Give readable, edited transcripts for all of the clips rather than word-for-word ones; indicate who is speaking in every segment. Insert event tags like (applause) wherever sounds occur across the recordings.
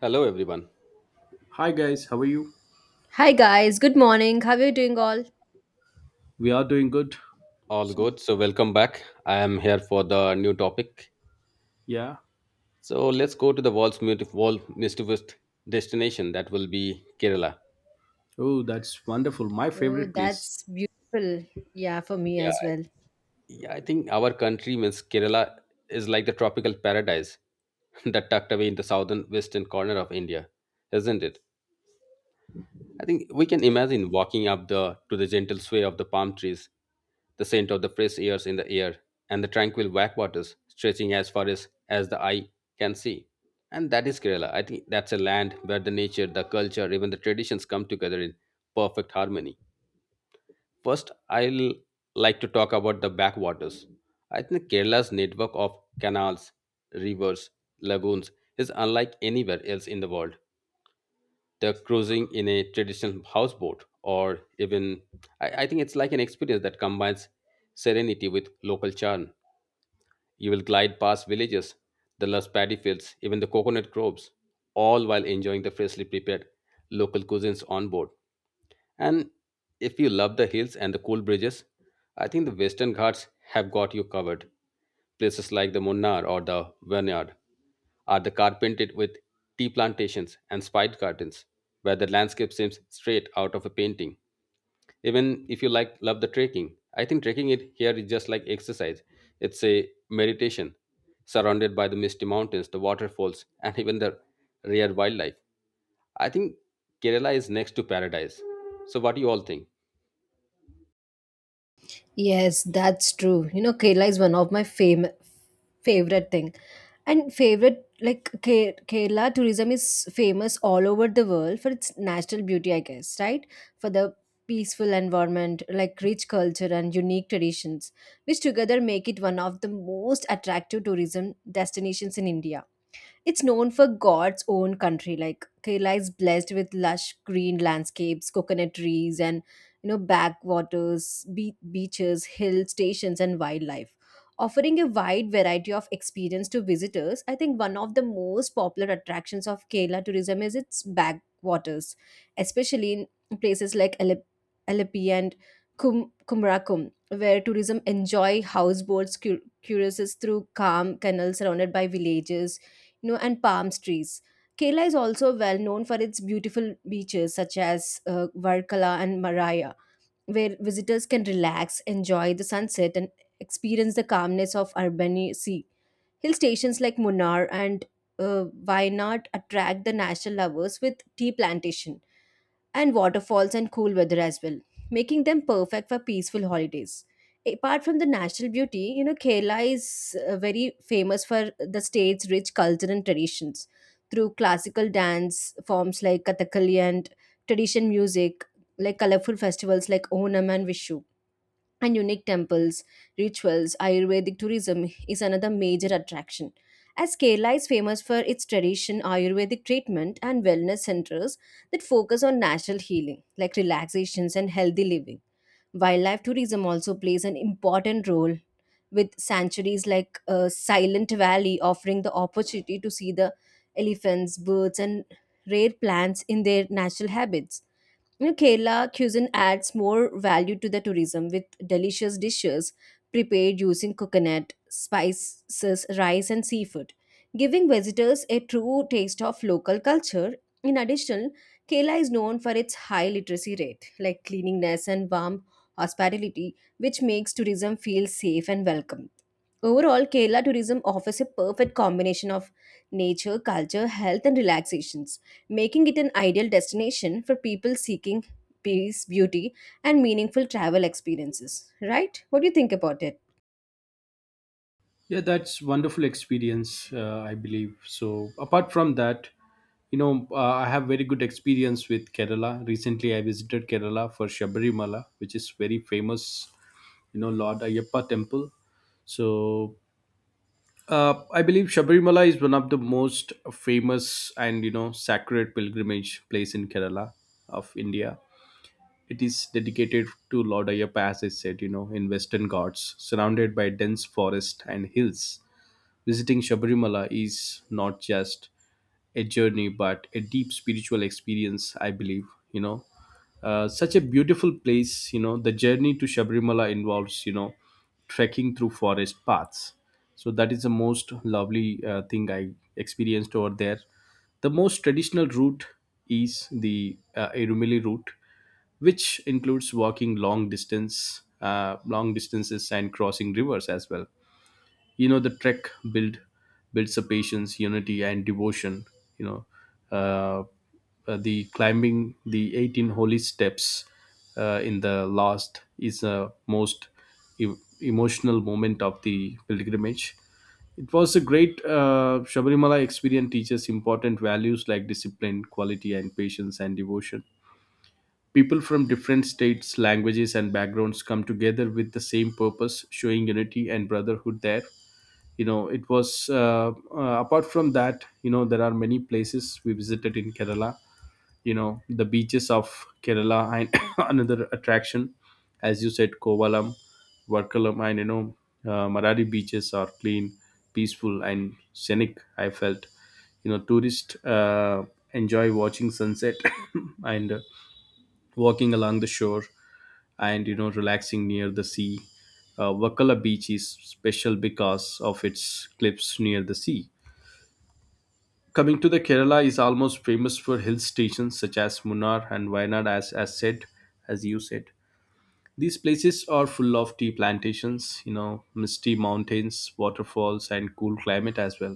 Speaker 1: Hello, everyone.
Speaker 2: Hi guys, how are you?
Speaker 3: Hi guys, good morning. How are you doing all?
Speaker 2: We are doing good.
Speaker 1: All
Speaker 2: So-
Speaker 1: good. So, welcome back. I am here for the new topic.
Speaker 2: Yeah.
Speaker 1: So, let's go to the world's beautiful, world mischievous destination that will be Kerala.
Speaker 2: Oh, that's wonderful. My
Speaker 3: Oh,
Speaker 2: favorite place.
Speaker 3: that's beautiful. Yeah, for me
Speaker 1: Yeah,
Speaker 3: as well.
Speaker 1: yeah. I think our country means Kerala is like the tropical paradise (laughs) that tucked away in the southern western corner of India, isn't it? I think we can imagine walking up the to the gentle sway of the palm trees, the scent of the fresh airs in the air, and the tranquil backwaters stretching as far as the eye can see. And that is Kerala. I think that's a land where the nature, the culture, even the traditions come together in perfect harmony. First, I'll like to talk about the backwaters. I think Kerala's network of canals, rivers, lagoons is unlike anywhere else in the world the cruising in a traditional houseboat, or even I think it's like an experience that combines serenity with local charm. You will glide past villages, the lush paddy fields, even the coconut groves, all while enjoying the freshly prepared local cuisines on board. And if you love the hills and the cool bridges, I think the Western Ghats have got you covered. Places like the Munnar or the Vineyard are the carpeted with tea plantations and spice gardens, where the landscape seems straight out of a painting. Even if you like love the trekking, I think trekking it here is just like exercise. It's a meditation, surrounded by the misty mountains, the waterfalls, and even the rare wildlife. I think Kerala is next to paradise. So, what do you all think?
Speaker 3: Yes, that's true. You know, Kerala is one of my favorite thing and favorite like Kerala tourism is famous all over the world for its natural beauty, I guess, right? For the peaceful environment, like rich culture and unique traditions which together make it one of the most attractive tourism destinations in India. It's known for God's own country. Like Kerala is blessed with lush green landscapes, coconut trees, and you know backwaters, beaches, hill stations, and wildlife. Offering a wide variety of experience to visitors, I think one of the most popular attractions of Kerala tourism is its backwaters, especially in places like Alleppey and Kumarakum, where tourism enjoy houseboats cruises through calm canals surrounded by villages, you know, and palm trees. Kerala is also well known for its beautiful beaches such as Varkala and Maraya, where visitors can relax, enjoy the sunset, and experience the calmness of urban Sea. Hill stations like Munnar and Wayanad attract the national lovers with tea plantation and waterfalls and cool weather as well, making them perfect for peaceful holidays. Apart from the natural beauty, you know, Kerala is very famous for the state's rich culture and traditions through classical dance forms like Kathakali and tradition music, like colorful festivals like Onam and Vishu and unique temples, rituals. Ayurvedic tourism is another major attraction, as Kerala is famous for its tradition, Ayurvedic treatment, and wellness centers that focus on natural healing, like relaxations and healthy living. Wildlife tourism also plays an important role, with sanctuaries like Silent Valley offering the opportunity to see the elephants, birds, and rare plants in their natural habits. You know, Kerala cuisine adds more value to the tourism with delicious dishes prepared using coconut, spices, rice, and seafood, giving visitors a true taste of local culture. In addition, Kerala is known for its high literacy rate, like cleanliness and warm hospitality, which makes tourism feel safe and welcome. Overall, Kerala tourism offers a perfect combination of nature, culture, health, and relaxations, making it an ideal destination for people seeking peace, beauty, and meaningful travel experiences. Right? What do you think about it?
Speaker 2: Yeah, that's wonderful experience. I believe so. Apart from that, you know, I have very good experience with Kerala. Recently, I visited Kerala for Shabrimala, which is very famous. You know, Lord Ayyappa temple. So I believe Shabrimala is one of the most famous and you know sacred pilgrimage place in Kerala of India. It is dedicated to Lord Ayappa, as I said, you know, in Western Ghats, surrounded by dense forest and hills. Visiting Shabarimala is not just a journey, but a deep spiritual experience, I believe, you know. Such a beautiful place, you know, the journey to Shabarimala involves, you know, trekking through forest paths. So that is the most lovely thing I experienced over there. The most traditional route is the Erumili route, which includes walking long distance, long distances, and crossing rivers as well. You know, the trek builds a patience, unity, and devotion. You know, uh, the climbing the 18 holy steps in the last is the most e- emotional moment of the pilgrimage. It was a great Shabarimala experience teaches important values like discipline, quality, and patience and devotion. People from different states, languages, and backgrounds come together with the same purpose, showing unity and brotherhood there. You know, it was, apart from that, you know, there are many places we visited in Kerala. You know, the beaches of Kerala and (coughs) another attraction, as you said, Kovalam, Varkalam, and you know, Maradi beaches are clean, peaceful, and scenic, I felt. You know, tourists enjoy watching sunset (coughs) and walking along the shore, and you know, relaxing near the sea. Uh, Wakala beach is special because of its cliffs near the sea. Coming to the Kerala is almost famous for hill stations such as Munnar and Wayanad, as you said. These places are full of tea plantations, you know, misty mountains, waterfalls, and cool climate as well.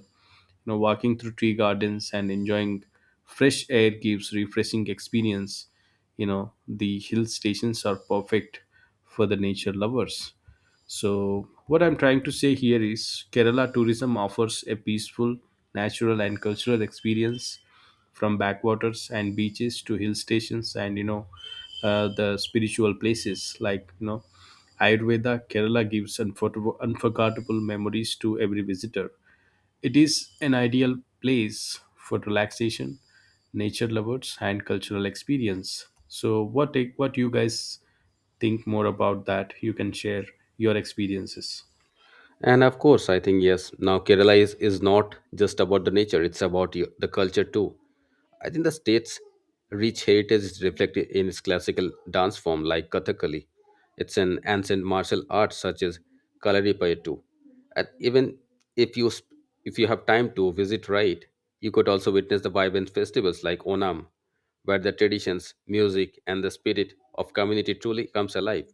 Speaker 2: You know, walking through tree gardens and enjoying fresh air gives refreshing experience. You know, the hill stations are perfect for the nature lovers. So what I'm trying to say here is Kerala tourism offers a peaceful, natural, and cultural experience, from backwaters and beaches to hill stations, and you know, the spiritual places like you know Ayurveda. Kerala gives unforgettable memories to every visitor. It is an ideal place for relaxation, nature lovers, and cultural experience. So, what you guys think more about that? You can share your experiences.
Speaker 1: And of course, I think yes. Now, Kerala is not just about the nature; it's about you, the culture too. I think the state's rich heritage is reflected in its classical dance form, like Kathakali. It's an ancient martial art such as Kalaripayattu. And even if you sp- if you have time to visit, right, you could also witness the vibrant festivals like Onam, where the traditions, music, and the spirit of community truly comes alive.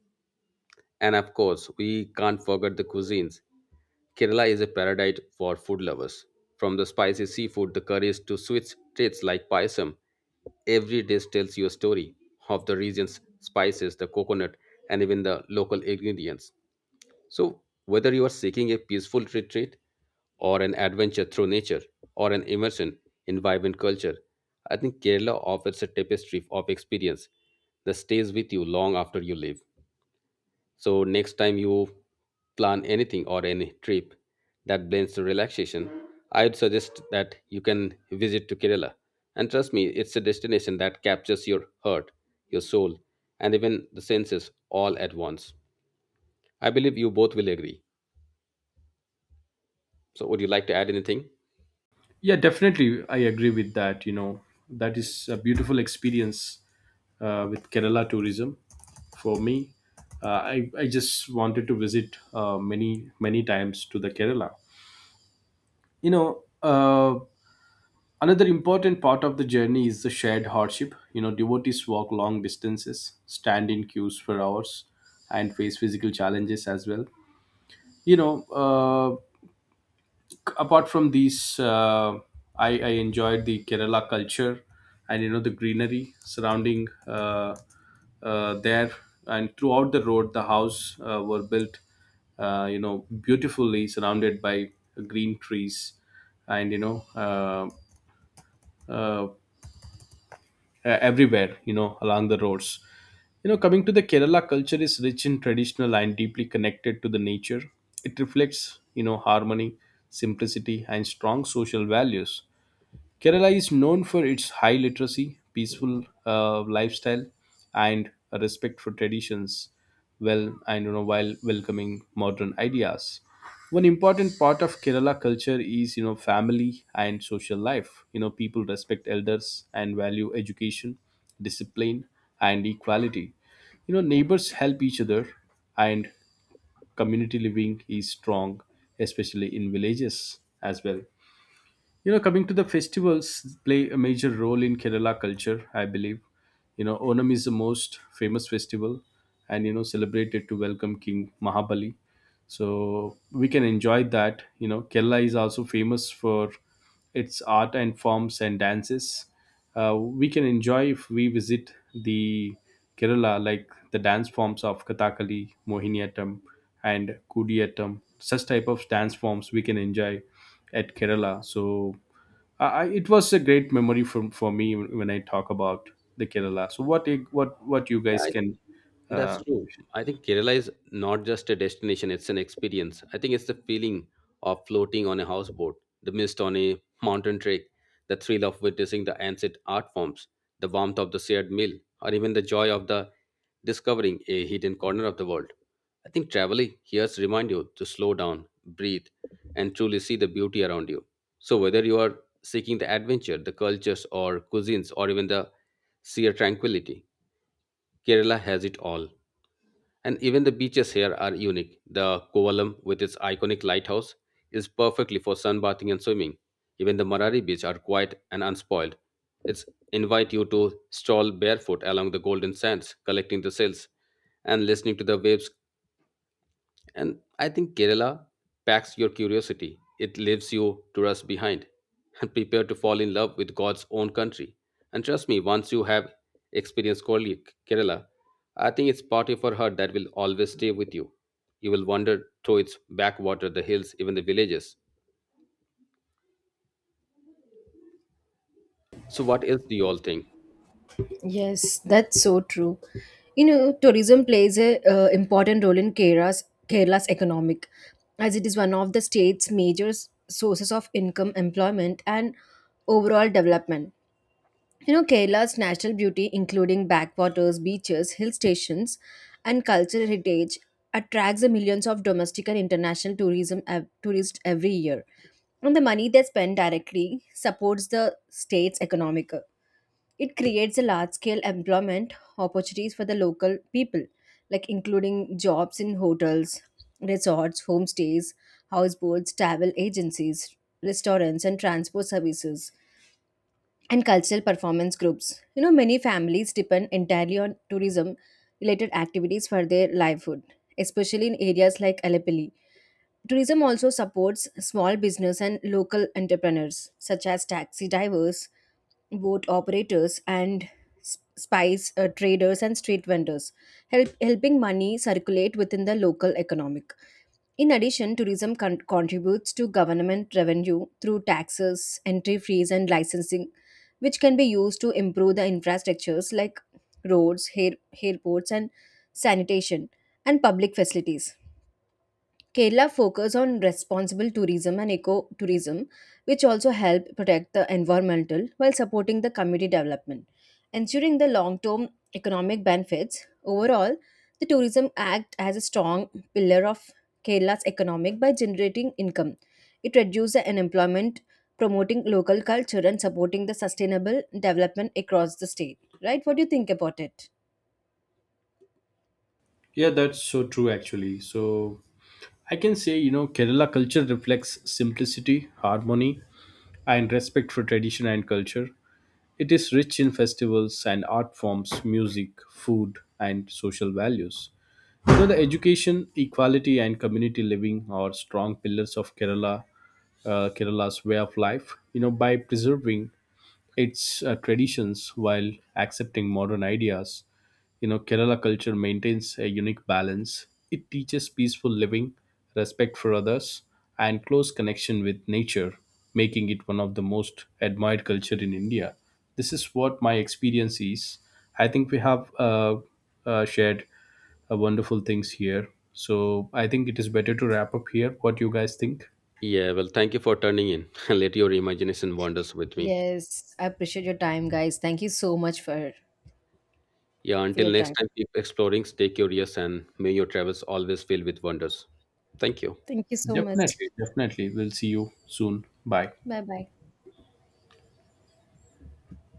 Speaker 1: And of course, we can't forget the cuisines Kerala is a paradise for food lovers. From the spicy seafood, the curries, to sweet treats like payasam, every dish tells you a story of the region's spices, the coconut, and even the local ingredients. So, whether you are seeking a peaceful retreat, or an adventure through nature, or an immersion in vibrant culture, I think Kerala offers a tapestry of experience that stays with you long after you leave. So next time you plan anything or any trip that blends the relaxation, I'd suggest that you can visit to Kerala. And trust me, it's a destination that captures your heart, your soul, and even the senses all at once. I believe you both will agree. So would you like to add anything?
Speaker 2: Yeah, definitely, I agree with that. You know, that is a beautiful experience with Kerala tourism. For me, I just wanted to visit many many times to the Kerala. You know. Another important part of the journey is the shared hardship. You know, devotees walk long distances, stand in queues for hours, and face physical challenges as well. You know, apart from these, I enjoyed the Kerala culture, and, you know, the greenery surrounding there. And throughout the road, the house were built, you know, beautifully surrounded by green trees and, you know, uh, everywhere you know, along the roads. You know, coming to the Kerala culture is rich in traditional and deeply connected to the nature. It reflects, you know, harmony, simplicity, and strong social values. Kerala is known for its high literacy, peaceful lifestyle, and a respect for traditions. Well, I don't know, while welcoming modern ideas. One important part of Kerala culture is, you know, family and social life. You know, people respect elders and value education, discipline, and equality. You know, neighbors help each other, and community living is strong, especially in villages as well. You know, coming to the festivals play a major role in Kerala culture, I believe. You know, Onam is the most famous festival, and, you know, celebrated to welcome King Mahabali. So we can enjoy that. You know, Kerala is also famous for its art and forms and dances. We can enjoy if we visit the Kerala, like the dance forms of Kathakali, Mohiniyattam, and Kudiyattam. Such type of dance forms we can enjoy at Kerala. So it was a great memory for me when I talk about the Kerala. So what you guys
Speaker 1: Yeah,
Speaker 2: can
Speaker 1: that's
Speaker 2: uh,
Speaker 1: true. I think Kerala is not just a destination, it's an experience. I think it's the feeling of floating on a houseboat, the mist on a mountain trek, the thrill of witnessing the ancient art forms, the warmth of the shared meal, or even the joy of the discovering a hidden corner of the world. I think traveling here reminds you to slow down, breathe, and truly see the beauty around you. So whether you are seeking the adventure, the cultures or cuisines, or even the sheer tranquility, Kerala has it all. And even the beaches here are unique. The Kovalam, with its iconic lighthouse, is perfectly for sunbathing and swimming. Even the Marari Beach are quiet and unspoiled. It's invite you to stroll barefoot along the golden sands, collecting the shells and listening to the waves and I think Kerala packs your curiosity. It leaves you to rust behind and prepare to fall in love with God's own country. And trust me, once you have experienced Kerala, I think it's party for her that will always stay with you. You will wander through its backwater, the hills, even the villages. So, what else do you all think?
Speaker 3: Yes, that's so true. You know, tourism plays a important role in Kerala's economic, as it is one of the state's major sources of income, employment, and overall development. You know, Kerala's natural beauty, including backwaters, beaches, hill stations, and cultural heritage, attracts the millions of domestic and international tourism tourists every year. And the money they spend directly supports the state's economic. It creates a large-scale employment opportunities for the local people, like including jobs in hotels, resorts, homestays, houseboats, travel agencies, restaurants, and transport services and cultural performance groups. You know, many families depend entirely on tourism related activities for their livelihood, especially in areas like Alepali. Tourism also supports small business and local entrepreneurs such as taxi drivers, boat operators and spice traders and street vendors, helping money circulate within the local economic. In addition, tourism contributes to government revenue through taxes, entry fees, and licensing, which can be used to improve the infrastructures like roads, airports, and sanitation, and public facilities. Kerala focus on responsible tourism and eco-tourism, which also help protect the environmental while supporting the community development, ensuring the long-term economic benefits. Overall, the tourism act as a strong pillar of Kerala's economic by generating income. It reduces the unemployment, promoting local culture and supporting the sustainable development across the state. Right? What do you think about it?
Speaker 2: yeah, that's so true actually. So I can say you know Kerala culture reflects simplicity, harmony, and respect for tradition and culture. It is rich in festivals and art forms, music, food, and social values. You know, the education, equality, and community living are strong pillars of Kerala, Kerala's way of life. You know, by preserving its traditions while accepting modern ideas. You know, Kerala culture maintains a unique balance. It teaches peaceful living, respect for others, and close connection with nature, making it one of the most admired culture in India. This is what my experience is. I think we have shared wonderful things here. So I think it is better to wrap up here. What do you guys think?
Speaker 1: Yeah, well, thank you for turning in (laughs) and let your imagination wanders with me.
Speaker 3: Yes, I appreciate your time, guys. Thank you so much
Speaker 1: Yeah,
Speaker 3: for
Speaker 1: until
Speaker 3: your
Speaker 1: next
Speaker 3: time.
Speaker 1: time, keep exploring, stay curious, and may your travels always fill with wonders. Thank you.
Speaker 3: Thank you so much.
Speaker 2: Definitely, definitely. We'll see you soon. Bye.
Speaker 3: Bye bye.